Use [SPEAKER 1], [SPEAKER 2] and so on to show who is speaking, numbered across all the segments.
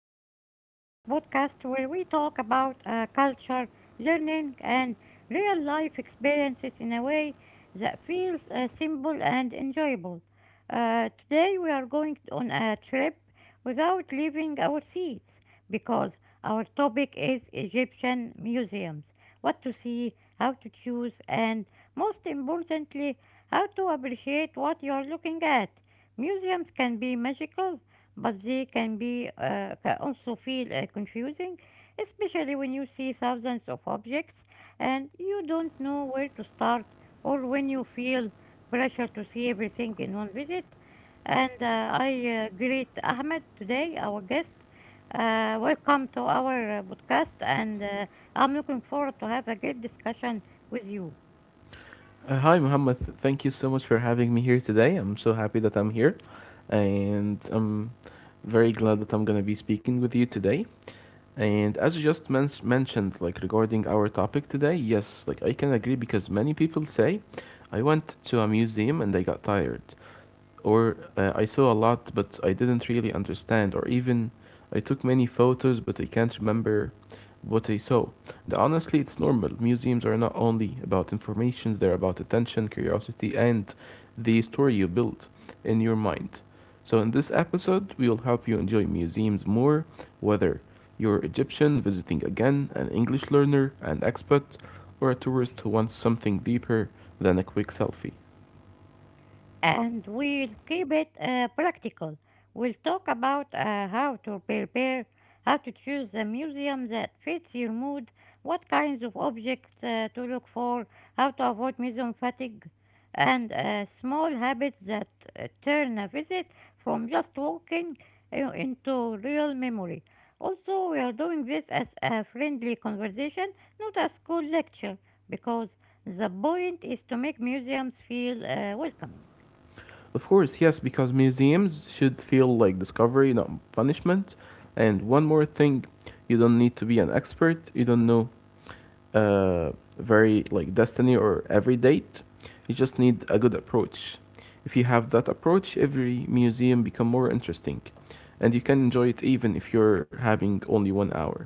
[SPEAKER 1] listening to our podcast where we talk about culture, learning, and real life experiences in a way that feels simple and enjoyable. Today, we are going on a trip without leaving our seats because our topic is Egyptian museums, what to see, how to choose, and most importantly, how to appreciate what you are looking at. Museums can be magical, but they can be can also feel confusing, especially when you see thousands of objects and you don't know where to start, or when you feel pressure to see everything in one visit. And I greet Ahmed today, our guest. Welcome to our podcast, and I'm looking forward to have a great discussion with you.
[SPEAKER 2] Hi, Muhammad. Thank you so much for having me here today. I'm so happy that I'm here, and I'm very glad that I'm gonna be speaking with you today. And as you just mentioned, like regarding our topic today, yes, like I can agree because many people say, I went to a museum and I got tired, or I saw a lot, but I didn't really understand, or even I took many photos, but I can't remember what I saw. And honestly, it's normal. Museums are not only about information, they're about attention, curiosity, and the story you build in your mind. So, in this episode, we will help you enjoy museums more, whether you're Egyptian visiting again, an English learner, an expat, or a tourist who wants something deeper than a quick selfie.
[SPEAKER 1] And we'll keep it practical. We'll talk about how to prepare, how to choose a museum that fits your mood, what kinds of objects to look for, how to avoid museum fatigue, and small habits that turn a visit from just walking into real memory. Also, we are doing this as a friendly conversation, not a school lecture, because the point is to make museums feel welcoming.
[SPEAKER 2] Of course, yes, because museums should feel like discovery, not punishment. And one more thing, you don't need to be an expert. You don't know very like destiny or every date. You just need a good approach. If you have that approach, every museum become more interesting, and you can enjoy it even if you're having only one hour.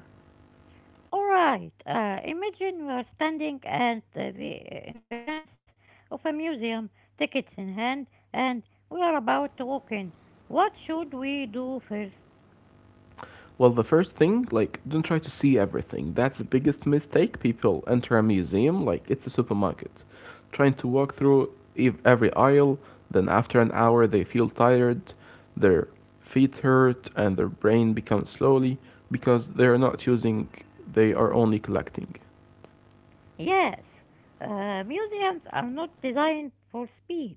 [SPEAKER 1] Alright, imagine we are standing at the entrance of a museum, tickets in hand, and we are about to walk in. What should we do first?
[SPEAKER 2] Well, the first thing, like, don't try to see everything. That's the biggest mistake. People enter a museum like it's a supermarket, trying to walk through every aisle. Then, after an hour, they feel tired, their feet hurt, and their brain becomes slowly because they are not using, they are only collecting.
[SPEAKER 1] Yes, museums are not designed for speed.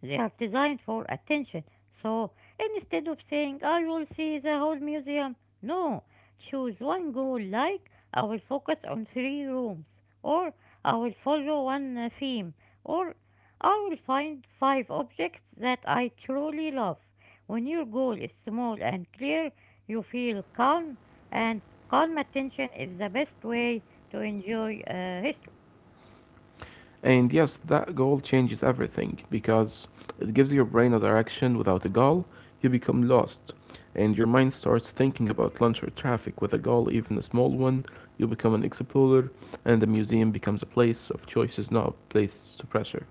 [SPEAKER 1] They are designed for attention. So instead of saying, I will see the whole museum, no, choose one goal like, I will focus on three rooms, or I will follow one theme, or I will find five objects that I truly love. When your goal is small and clear, you feel calm, and calm attention is the best way to enjoy history.
[SPEAKER 2] And yes, that goal changes everything because it gives your brain a direction. Without a goal, you become lost. And your mind starts thinking about lunch or traffic. With a goal, even a small one, you become an explorer, and the museum becomes a place of choices, not a place to pressure.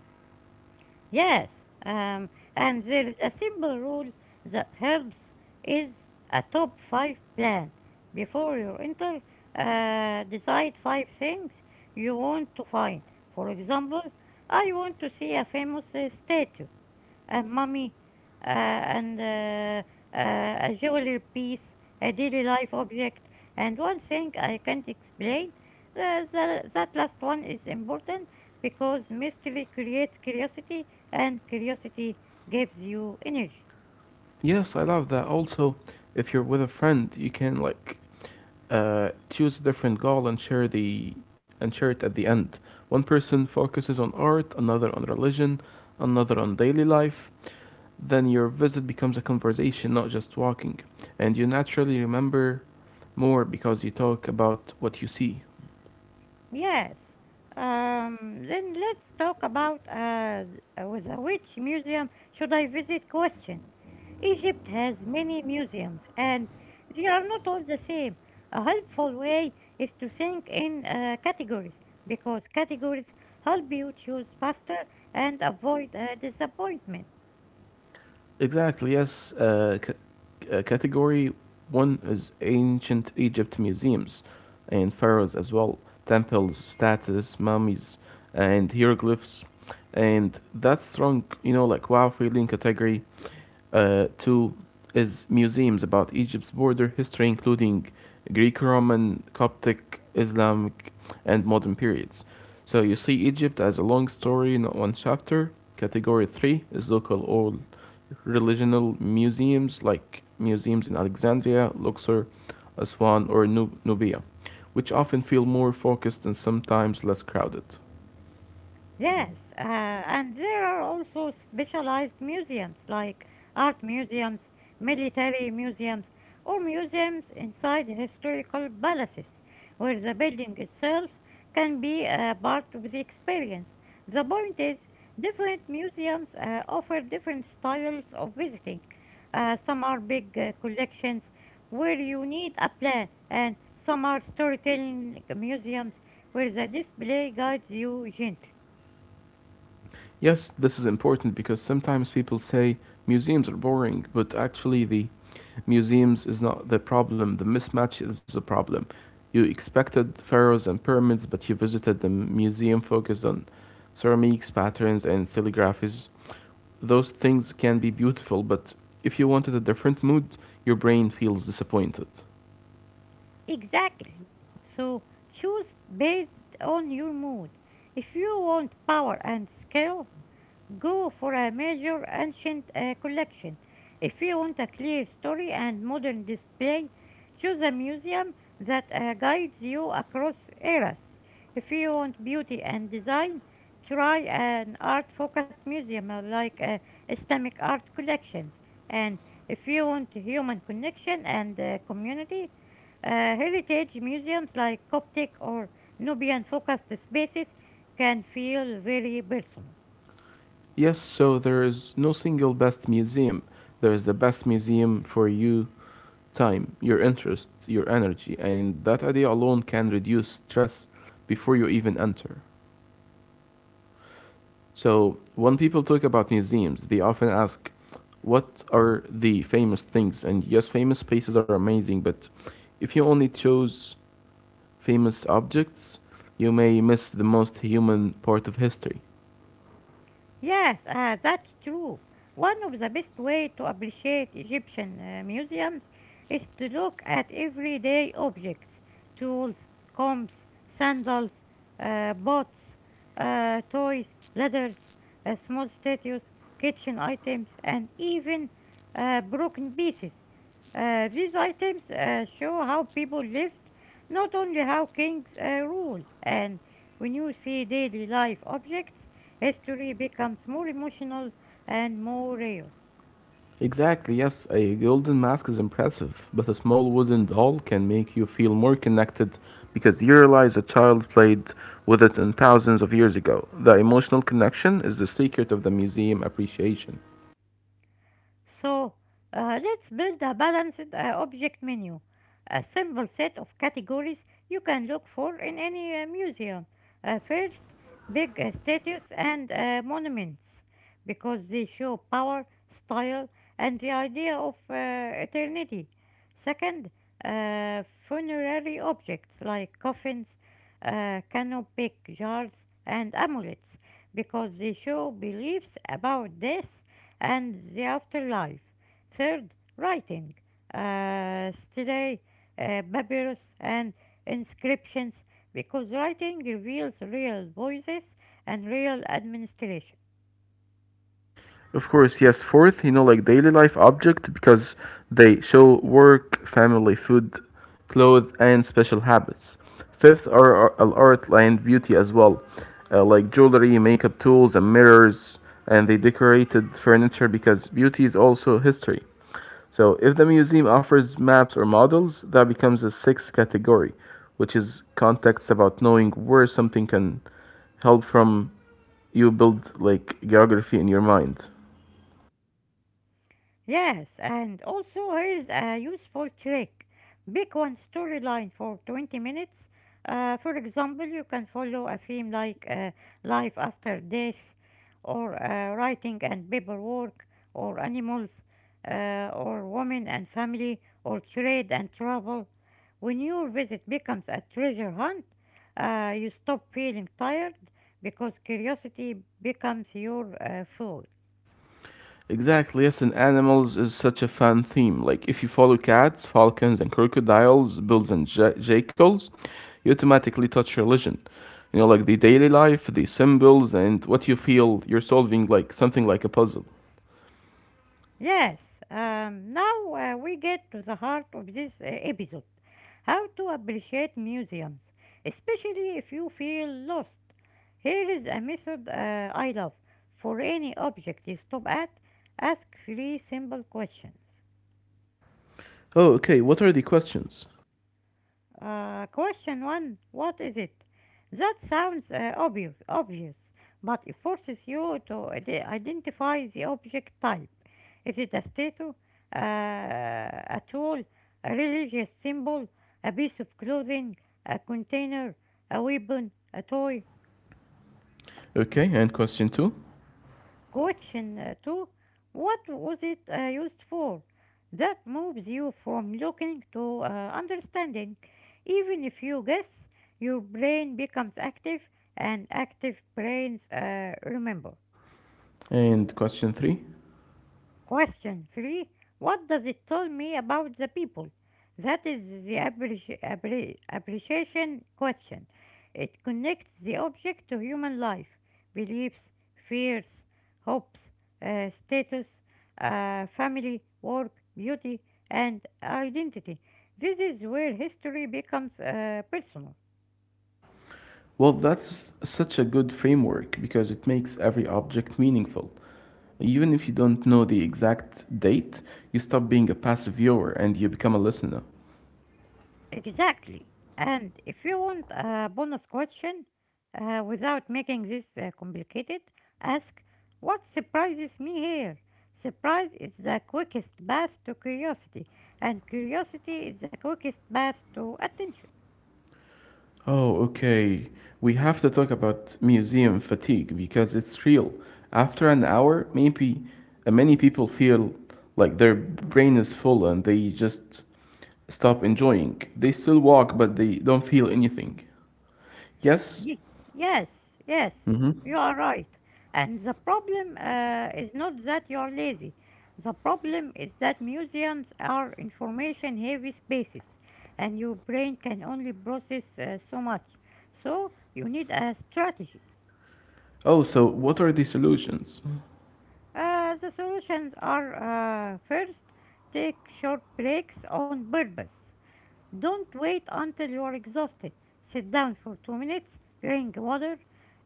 [SPEAKER 1] Yes, and there is a simple rule that helps is a top five plan. Before you enter, decide five things you want to find. For example, I want to see a famous statue, mommy, and a jewelry piece, a daily life object, and one thing I can't explain. That last one is important because mystery creates curiosity, and curiosity gives you energy.
[SPEAKER 2] Yes, I love that. Also, if you're with a friend, you can like choose a different goal and share the and share it at the end. One person focuses on art, another on religion, another on daily life, then your visit becomes a conversation, not just walking. And you naturally remember more because you talk about what you see.
[SPEAKER 1] Yes. Then let's talk about the which museum should I visit question. Egypt has many museums and they are not all the same. A helpful way is to think in categories because categories help you choose faster and avoid disappointment.
[SPEAKER 2] Exactly, yes. Category one is ancient Egypt museums and pharaohs as well, temples, statues, mummies, and hieroglyphs. And that strong, you know, like wow feeling category. Two is museums about Egypt's border history, including Greek, Roman, Coptic, Islamic, and modern periods. So you see Egypt as a long story, not one chapter. Category three is local or regional museums, like museums in Alexandria, Luxor, Aswan, or Nubia, which often feel more focused and sometimes less crowded.
[SPEAKER 1] Yes, and there are also specialized museums like art museums, military museums, or museums inside historical palaces where the building itself can be a part of the experience. The point is, different museums offer different styles of visiting. Some are big collections where you need a plan, and some are storytelling museums where the display guides you gently.
[SPEAKER 2] Yes, this is important because sometimes people say museums are boring, but actually the museums is not the problem. The mismatch is the problem. You expected pharaohs and pyramids, but you visited the museum focused on ceramics, patterns, and calligraphies. Those things can be beautiful, but if you wanted a different mood, your brain feels disappointed.
[SPEAKER 1] Exactly. So choose based on your mood. If you want power and skill, go for a major ancient collection. If you want a clear story and modern display, choose a museum that guides you across eras. If you want beauty and design, try an art focused museum like Islamic art collections. And if you want human connection and community, heritage museums like Coptic or Nubian focused spaces can feel very personal.
[SPEAKER 2] Yes, so there is no single best museum. There is the best museum for you time, your interest, your energy, and that idea alone can reduce stress before you even enter. So, when people talk about museums, they often ask, what are the famous things? And yes, famous places are amazing, but if you only chose famous objects, you may miss the most human part of history.
[SPEAKER 1] Yes, that's true. One of the best way to appreciate Egyptian museums is to look at everyday objects, tools, combs, sandals, pots, toys, leathers, small statues, kitchen items, and even broken pieces. These items show how people lived, not only how kings ruled. And when you see daily life objects, history becomes more emotional and more real.
[SPEAKER 2] Exactly, yes, a golden mask is impressive, but a small wooden doll can make you feel more connected because you realize a child played with it in thousands of years ago. The emotional connection is the secret of the museum appreciation.
[SPEAKER 1] So let's build a balanced object menu, a simple set of categories you can look for in any museum. First, big statues and monuments, because they show power, style, and the idea of eternity. Second, funerary objects like coffins, canopic jars, and amulets, because they show beliefs about death and the afterlife. Third, writing, stelae, papyrus, and inscriptions, because writing reveals real voices and real administration.
[SPEAKER 2] Of course, yes. Fourth, you know, like daily life object because they show work, family, food, clothes, and special habits. Fifth are art and beauty as well, like jewelry, makeup tools, and mirrors, and they decorated furniture because beauty is also history. So, if the museum offers maps or models, that becomes a sixth category, which is context about knowing where something can help from you build like geography in your mind.
[SPEAKER 1] Yes, and also here's a useful trick. Pick one storyline for 20 minutes. For example, you can follow a theme like life after death, or writing and paperwork, or animals, or women and family, or trade and travel. When your visit becomes a treasure hunt, you stop feeling tired because curiosity becomes your fuel.
[SPEAKER 2] Exactly, yes, and animals is such a fun theme. Like, if you follow cats, falcons, and crocodiles, bulls, and jackals, you automatically touch religion. You know, like the daily life, the symbols, and what you feel you're solving, like something like a puzzle.
[SPEAKER 1] Yes, now we get to the heart of this episode, how to appreciate museums, especially if you feel lost. Here is a method I love. For any object you stop at, ask three simple questions.
[SPEAKER 2] Oh, okay, what are the questions?
[SPEAKER 1] Question one: what is it? That sounds obvious, but it forces you to identify the object type. Is it a statue, a tool, a religious symbol, a piece of clothing, a container, a weapon, a toy?
[SPEAKER 2] Okay, and question two,
[SPEAKER 1] Question 2: what was it used for? That moves you from looking to understanding. Even if you guess, your brain becomes active and active brains remember.
[SPEAKER 2] and question three.
[SPEAKER 1] Question 3: what does it tell me about the people? That is the appreciation question. It connects the object to human life, beliefs, fears, hopes, status, family, work, beauty, and identity. This is where history becomes personal.
[SPEAKER 2] Well, that's such a good framework because it makes every object meaningful. Even if you don't know the exact date, you stop being a passive viewer and you become a listener.
[SPEAKER 1] Exactly. And if you want a bonus question without making this complicated, ask, what surprises me here? Surprise is the quickest path to curiosity, and curiosity is the quickest path to attention.
[SPEAKER 2] Oh, okay. We have to talk about museum fatigue because it's real. After an hour, maybe many people feel like their brain is full and they just stop enjoying. They still walk, but they don't feel anything. Yes?
[SPEAKER 1] Yes, Yes, yes,
[SPEAKER 2] Mm-hmm.
[SPEAKER 1] you are right. And the problem is not that you're lazy. The problem is that museums are information heavy spaces and your brain can only process so much. So you need a strategy.
[SPEAKER 2] Oh, so what are the solutions?
[SPEAKER 1] The solutions are first, take short breaks on purpose. Don't wait until you are exhausted. Sit down for 2 minutes, drink water,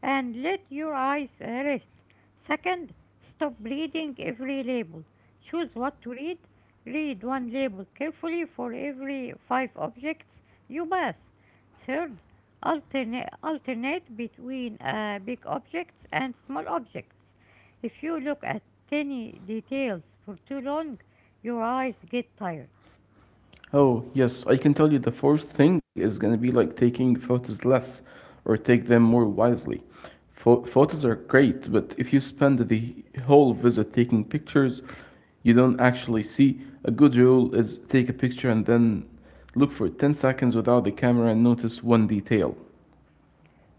[SPEAKER 1] and let your eyes rest. Second, stop reading every label. Choose what to read. Read one label carefully for every five objects you pass. Third, alternate between big objects and small objects. If you look at tiny details for too long, your eyes get tired.
[SPEAKER 2] Oh, yes, I can tell you the first thing is going to be like taking photos less or take them more wisely. Photos are great, but if you spend the whole visit taking pictures you don't actually see, a good rule is take a picture and then look for 10 seconds without the camera and notice one detail.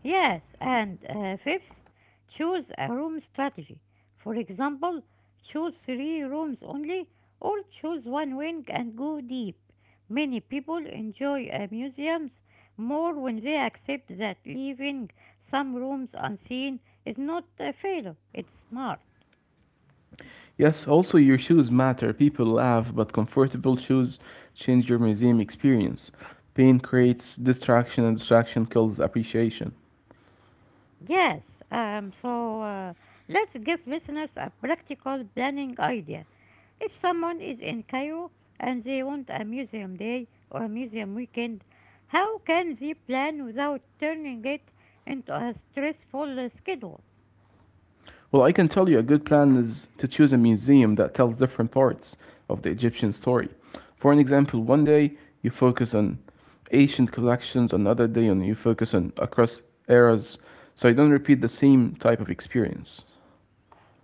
[SPEAKER 1] Yes, and fifth, choose a room strategy. For example, choose three rooms only or choose one wing and go deep. Many people enjoy museums more when they accept that leaving some rooms unseen is not a failure, it's smart.
[SPEAKER 2] Yes, also your shoes matter. People laugh, but comfortable shoes change your museum experience. Pain creates distraction, and distraction kills appreciation.
[SPEAKER 1] Yes, so let's give listeners a practical planning idea. If someone is in Cairo and they want a museum day or a museum weekend, how can they plan without turning it into a stressful schedule?
[SPEAKER 2] Well, I can tell you a good plan is to choose a museum that tells different parts of the Egyptian story. For an example, one day you focus on ancient collections, another day on you focus on across eras, so you don't repeat the same type of experience.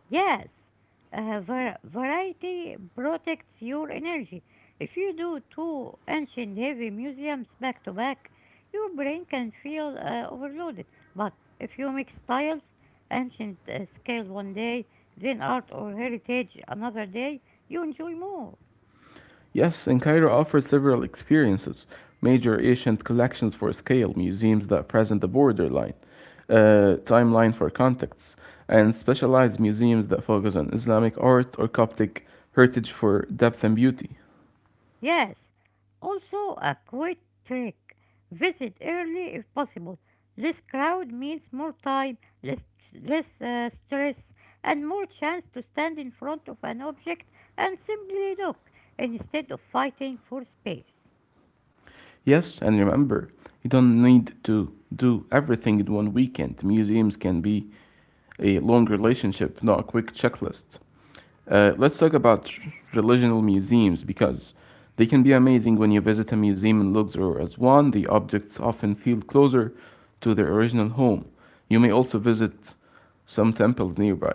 [SPEAKER 1] Yes, variety protects your energy. If you do two ancient heavy museums back to back, your brain can feel overloaded. But if you mix styles, ancient scale 1 day, then art or heritage another day, you enjoy more.
[SPEAKER 2] Yes, and Cairo offers several experiences, major ancient collections for scale, museums that present the borderline, timeline for contexts, and specialized museums that focus on Islamic art or Coptic heritage for depth and beauty.
[SPEAKER 1] Yes, also a quick trick. Visit early if possible. Less crowd means more time, less, less stress, and more chance to stand in front of an object and simply look instead of fighting for space.
[SPEAKER 2] Yes, and remember, you don't need to do everything in one weekend. Museums can be a long relationship, not a quick checklist. Let's talk about religional museums because they can be amazing when you visit a museum in Luxor as one. The objects often feel closer to their original home. You may also visit some temples nearby.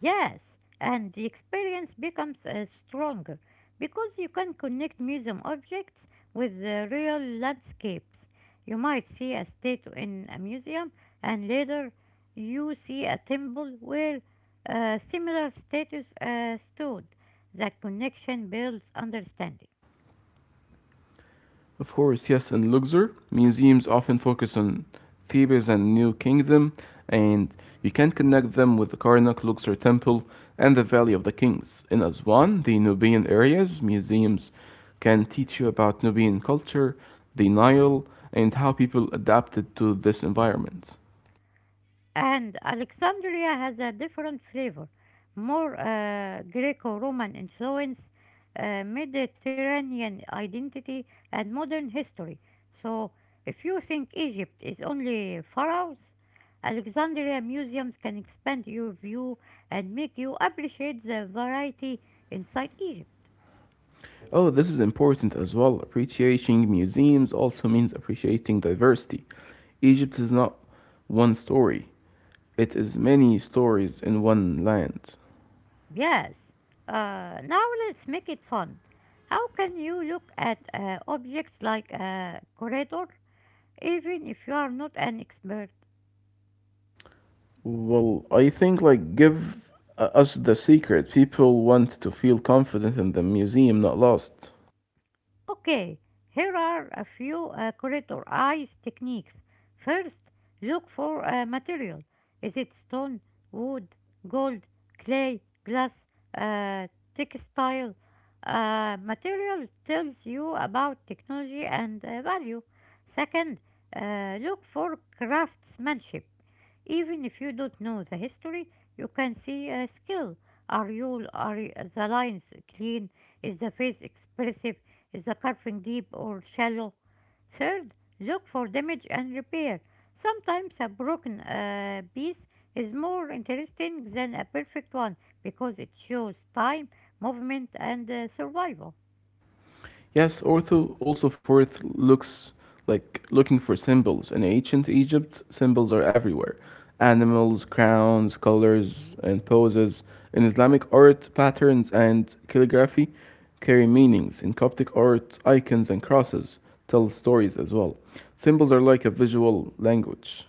[SPEAKER 1] Yes, and the experience becomes stronger because you can connect museum objects with the real landscapes. You might see a statue in a museum, and later you see a temple where similar statues stood. That connection builds understanding.
[SPEAKER 2] Of course, yes, in Luxor, museums often focus on Thebes and New Kingdom, and you can connect them with the Karnak Luxor Temple and the Valley of the Kings. In Aswan, the Nubian areas, museums can teach you about Nubian culture, the Nile, and how people adapted to this environment.
[SPEAKER 1] And Alexandria has a different flavor, more Greco Roman influence, Mediterranean identity, and modern history. So, if you think Egypt is only pharaohs, Alexandria museums can expand your view and make you appreciate the variety inside Egypt.
[SPEAKER 2] Oh, this is important as well. Appreciating museums also means appreciating diversity. Egypt is not one story, it is many stories in one land.
[SPEAKER 1] Yes. Now let's make it fun. How can you look at objects like a corridor even if you are not an expert.
[SPEAKER 2] Well, I think like give us the secret. People want to feel confident in the museum, not lost.
[SPEAKER 1] Okay, here are a few corridor eyes techniques. First, look for a material. Is it stone, wood, gold, clay, glass, uh, textile? Material tells you about technology and value. Second, look for craftsmanship. Even if you don't know the history, you can see a skill. Are the lines clean? Is the face expressive? Is the carving deep or shallow? Third, look for damage and repair. Sometimes a broken piece is more interesting than a perfect one because it shows time, movement, and survival.
[SPEAKER 2] Yes, ortho also forth looks like looking for symbols. In ancient Egypt, symbols are everywhere animals, crowns, colors, and poses. In Islamic art, patterns and calligraphy carry meanings. In Coptic art, icons and crosses tell stories as well. Symbols are like a visual language.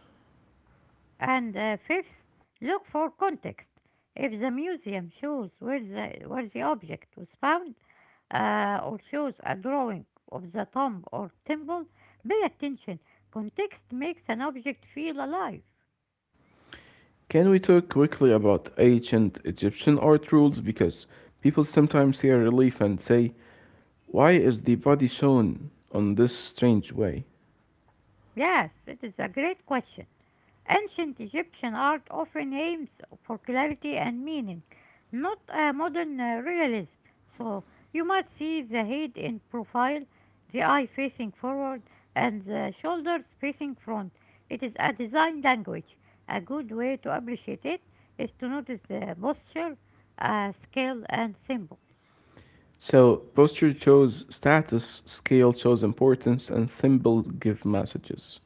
[SPEAKER 1] And fifth, look for context. If the museum shows where the object was found, or shows a drawing of the tomb or temple, pay attention. Context makes an object feel alive.
[SPEAKER 2] Can we talk quickly about ancient Egyptian art rules? Because people sometimes see a relief and say, why is the body shown on this strange way?
[SPEAKER 1] Yes, it is a great question. Ancient Egyptian art often aims for clarity and meaning, not a modern realism. So you might see the head in profile, the eye facing forward, and the shoulders facing front. It is a design language. A good way to appreciate it is to notice the posture, scale, and symbols.
[SPEAKER 2] So, posture shows status, scale shows importance, and symbols give messages.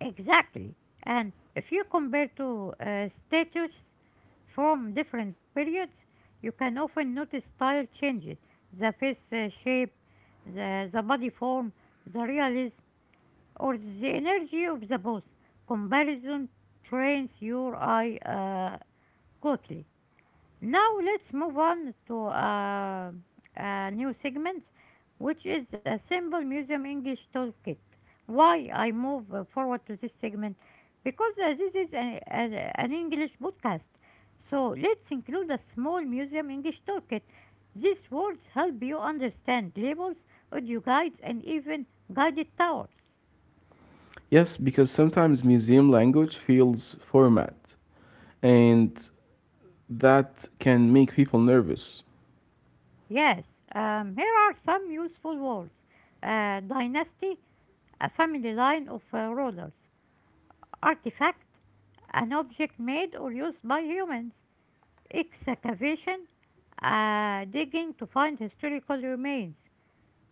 [SPEAKER 1] Exactly. And if you compare two statues from different periods, you can often notice style changes the face shape, the body form, the realism, or the energy of the pose. Comparison trains your eye quickly. Now let's move on to a new segment, which is a simple museum English toolkit. Why I move forward to this segment? Because this is an English podcast. So let's include a small museum English toolkit. These words help you understand labels, audio guides, and even guided tours.
[SPEAKER 2] Yes, because sometimes museum language feels format, and that can make people nervous.
[SPEAKER 1] Yes, here are some useful words. Dynasty, a family line of rulers. Artifact, an object made or used by humans. Excavation, digging to find historical remains.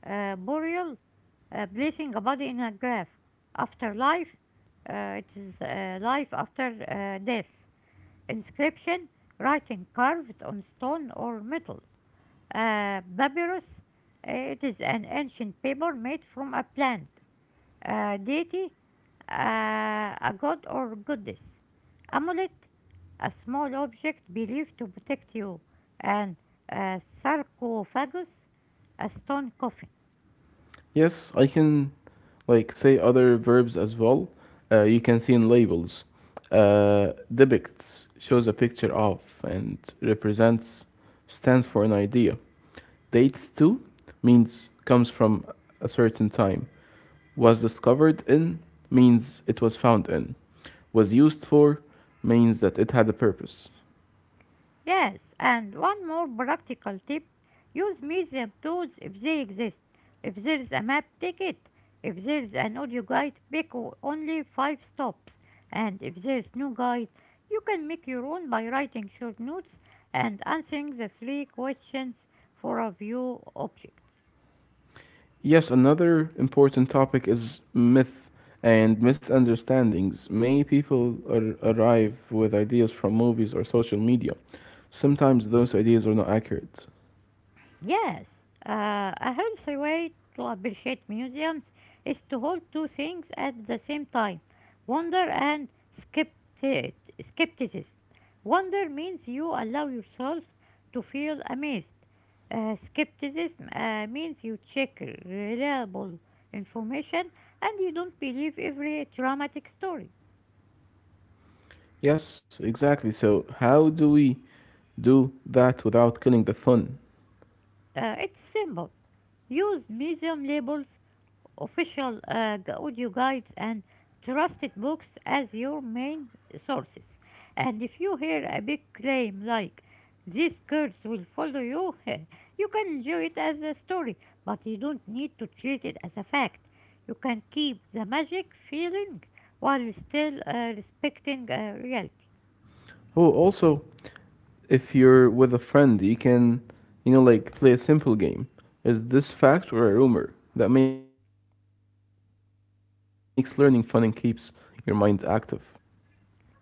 [SPEAKER 1] Burial, placing a body in a grave. Afterlife, it is life after death. Inscription, writing carved on stone or metal. Papyrus, it is an ancient paper made from a plant a deity, a god or goddess. Amulet, a small object believed to protect you, and a sarcophagus, a stone coffin.
[SPEAKER 2] Yes, I can like say other verbs as well. You can see in labels. Depicts shows a picture of and represents stands for an idea. Dates to means comes from a certain time. Was discovered in means it was found in. Was used for means that it had a purpose.
[SPEAKER 1] Yes, and one more practical tip use museum tools if they exist. If there is a map, take it. If there is an audio guide, pick only five stops. And if there is no guide, you can make your own by writing short notes and answering the three questions for a view objects.
[SPEAKER 2] Yes, another important topic is myth and misunderstandings. Many people arrive with ideas from movies or social media. Sometimes those ideas are not accurate.
[SPEAKER 1] Yes, a healthy way to appreciate museums is to hold two things at the same time wonder and skepti- skepticism. Wonder means you allow yourself to feel amazed. Skepticism means you check reliable information and you don't believe every dramatic story.
[SPEAKER 2] Yes, exactly. So, how do we do that without killing the fun?
[SPEAKER 1] It's simple. Use museum labels official audio guides and trusted books as your main sources. And if you hear a big claim like these curse will follow you, you can enjoy it as a story, but you don't need to treat it as a fact. You can keep the magic feeling while still respecting reality.
[SPEAKER 2] Oh, also, if you're with a friend, you can, you know, like play a simple game. Is this fact or a rumor? That makes learning fun and keeps your mind active.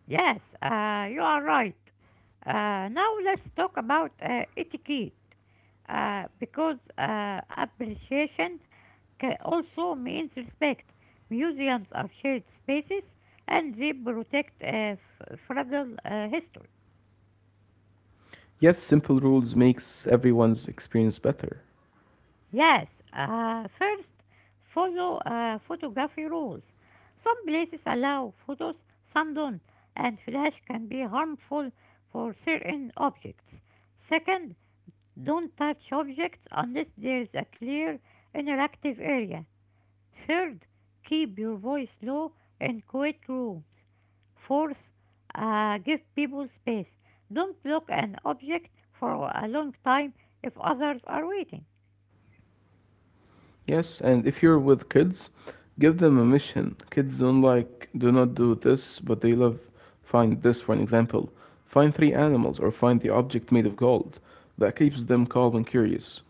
[SPEAKER 1] Yes, you are right. Now let's talk about etiquette because appreciation also means respect. Museums are shared spaces and they protect fragile history.
[SPEAKER 2] Yes, simple rules makes everyone's experience better.
[SPEAKER 1] Yes, first follow photography rules. Some places allow photos, some don't, and flash can be harmful for certain objects. Second, don't touch objects unless there is a clear interactive area. Third, keep your voice low in quiet rooms. Fourth, give people space. Don't block an object for a long time if others are waiting.
[SPEAKER 2] Yes, and if you're with kids, give them a mission. Kids don't like do not do this, but they love find this for an example. Find three animals or find the object made of gold. That keeps them calm and curious.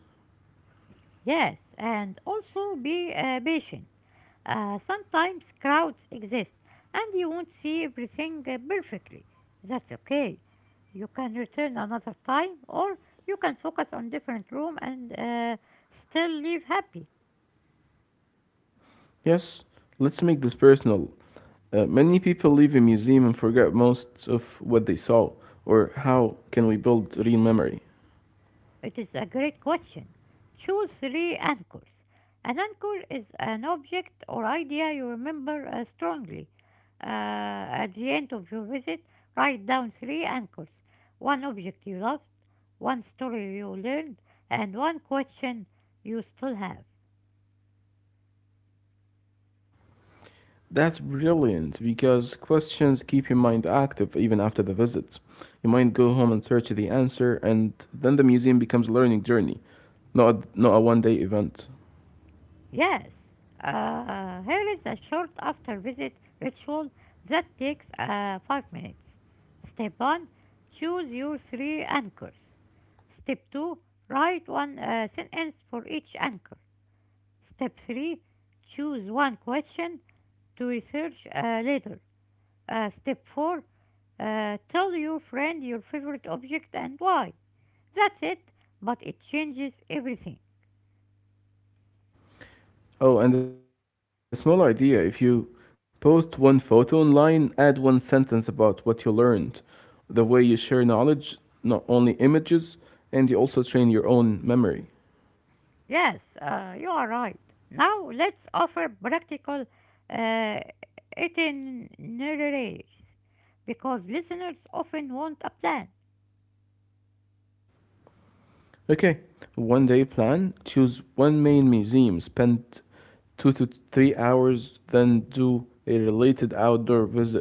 [SPEAKER 1] Yes, and also be patient. Sometimes crowds exist and you won't see everything perfectly. That's okay. You can return another time or you can focus on different room and still leave happy.
[SPEAKER 2] Yes, let's make this personal. Many people leave a museum and forget most of what they saw or how can we build real memory.
[SPEAKER 1] It is a great question. Choose three anchors. An anchor is an object or idea you remember strongly. Uh, at the end of your visit, write down three anchors one object you loved, one story you learned, and one question you still have.
[SPEAKER 2] That's brilliant because questions keep your mind active even after the visit. You might go home and search the answer, and then the museum becomes a learning journey, not a one day event.
[SPEAKER 1] Yes, here is a short after visit ritual that takes 5 minutes. Step 1 choose your three anchors. Step 2 write one sentence for each anchor. Step 3 choose one question to research later. Step 4 tell your friend your favorite object and why. That's it, but it changes everything.
[SPEAKER 2] Oh, and a small idea if you post one photo online, add one sentence about what you learned. The way you share knowledge, not only images, and you also train your own memory.
[SPEAKER 1] Yes, you are right. Now let's offer practical uh, itineraries because listeners often want a plan.
[SPEAKER 2] Okay, one day plan. Choose one main museum. Spend 2 to 3 hours, then do a related outdoor visit,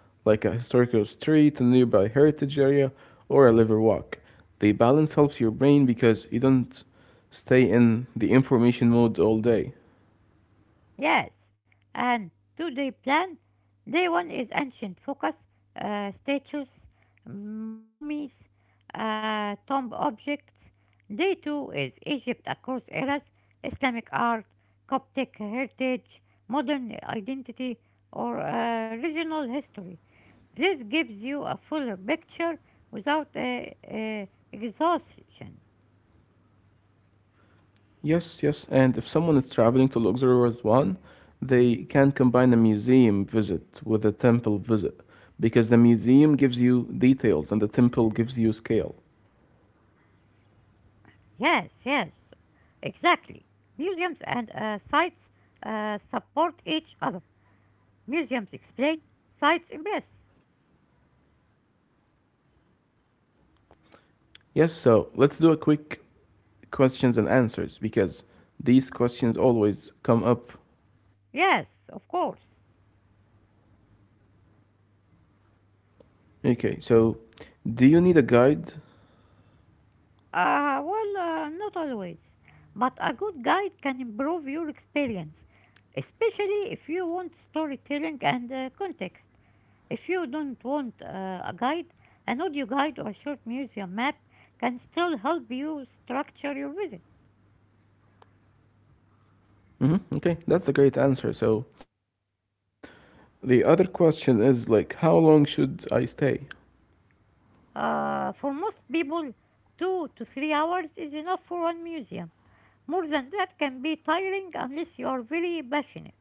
[SPEAKER 2] like a historical street, a nearby heritage area, or a river walk. The balance helps your brain because you don't stay in the information mode all day.
[SPEAKER 1] Yes, and do they plan? Day one is ancient focus, statues, mummies, tomb objects. Day two is Egypt across eras, Islamic art, Coptic heritage, modern identity, or regional history. This gives you a fuller picture without exhaustion.
[SPEAKER 2] Yes, yes. And if someone is traveling to luxurious one, they can combine a museum visit with a temple visit because the museum gives you details and the temple gives you scale.
[SPEAKER 1] Yes, yes. Exactly. Museums and sites support each other. Museums explain, sites impress.
[SPEAKER 2] Yes, so let's do a quick questions and answers because these questions always come up.
[SPEAKER 1] Yes, of course.
[SPEAKER 2] Okay, so do you need a guide?
[SPEAKER 1] Well, not always. But a good guide can improve your experience, especially if you want storytelling and context. If you don't want a guide, an audio guide or a short museum map can still help you structure your visit.
[SPEAKER 2] Hmm. Okay, that's a great answer. So the other question is like, how long should I stay?
[SPEAKER 1] For most people, 2 to 3 hours is enough for one museum. More than that can be tiring unless you are very passionate.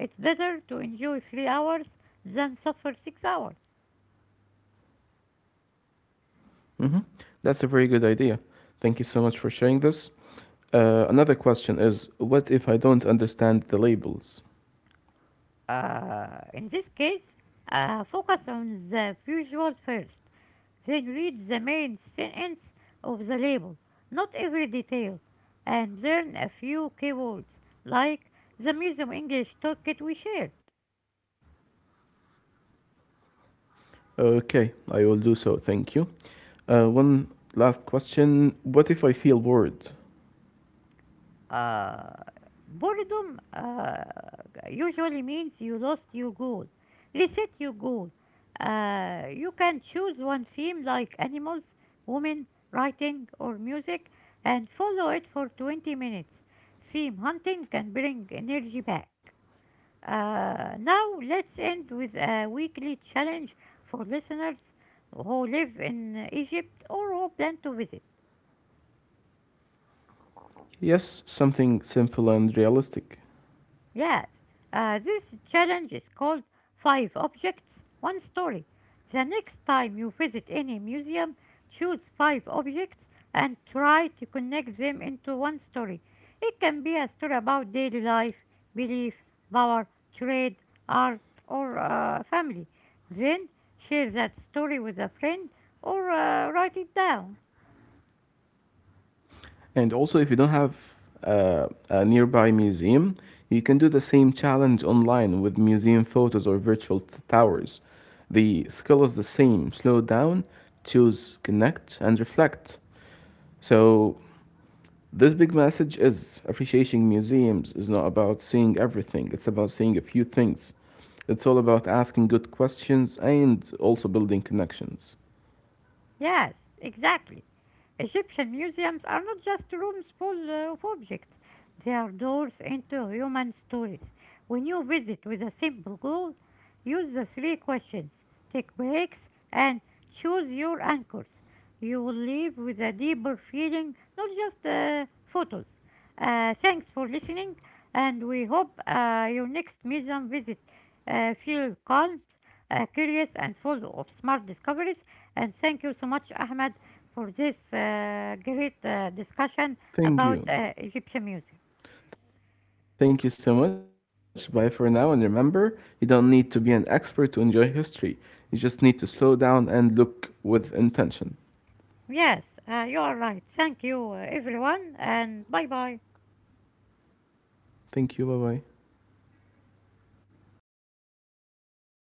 [SPEAKER 1] It's better to enjoy 3 hours than suffer 6 hours.
[SPEAKER 2] Hmm. That's a very good idea. Thank you so much for sharing this. Another question is what if I don't understand the labels?
[SPEAKER 1] In this case, focus on the visual first, then read the main sentence of the label, not every detail, and learn a few keywords like the Museum English toolkit we shared.
[SPEAKER 2] Okay, I will do so, thank you. One last question what if I feel bored?
[SPEAKER 1] Uh, Boredom usually means you lost your goal. Reset your goal. You can choose one theme like animals, women, writing, or music and follow it for 20 minutes. Theme hunting can bring energy back. Now, let's end with a weekly challenge for listeners who live in Egypt or who plan to visit.
[SPEAKER 2] Yes, something simple and realistic.
[SPEAKER 1] Yes, this challenge is called Five Objects, One Story. The next time you visit any museum, choose five objects and try to connect them into one story. It can be a story about daily life, belief, power, trade, art, or family. Then share that story with a friend or write it down.
[SPEAKER 2] And also, if you don't have a nearby museum, you can do the same challenge online with museum photos or virtual towers. The skill is the same slow down, choose, connect, and reflect. So, this big message is appreciating museums is not about seeing everything, it's about seeing a few things. It's all about asking good questions and also building connections.
[SPEAKER 1] Yes, exactly. Egyptian museums are not just rooms full of objects, they are doors into human stories. When you visit with a simple goal, use the three questions, take breaks, and choose your anchors. You will leave with a deeper feeling, not just photos. Thanks for listening, and we hope your next museum visit feels calm, curious, and full of smart discoveries and thank you so much, Ahmed, for this great discussion about Egyptian
[SPEAKER 2] Thank
[SPEAKER 1] music.
[SPEAKER 2] you. Thank you so much. Bye for now. And remember, you don't need to be an expert to enjoy history. You just need to slow down and look with intention.
[SPEAKER 1] Yes, you are right. Thank you, everyone, and bye bye.
[SPEAKER 2] Thank you. Bye bye.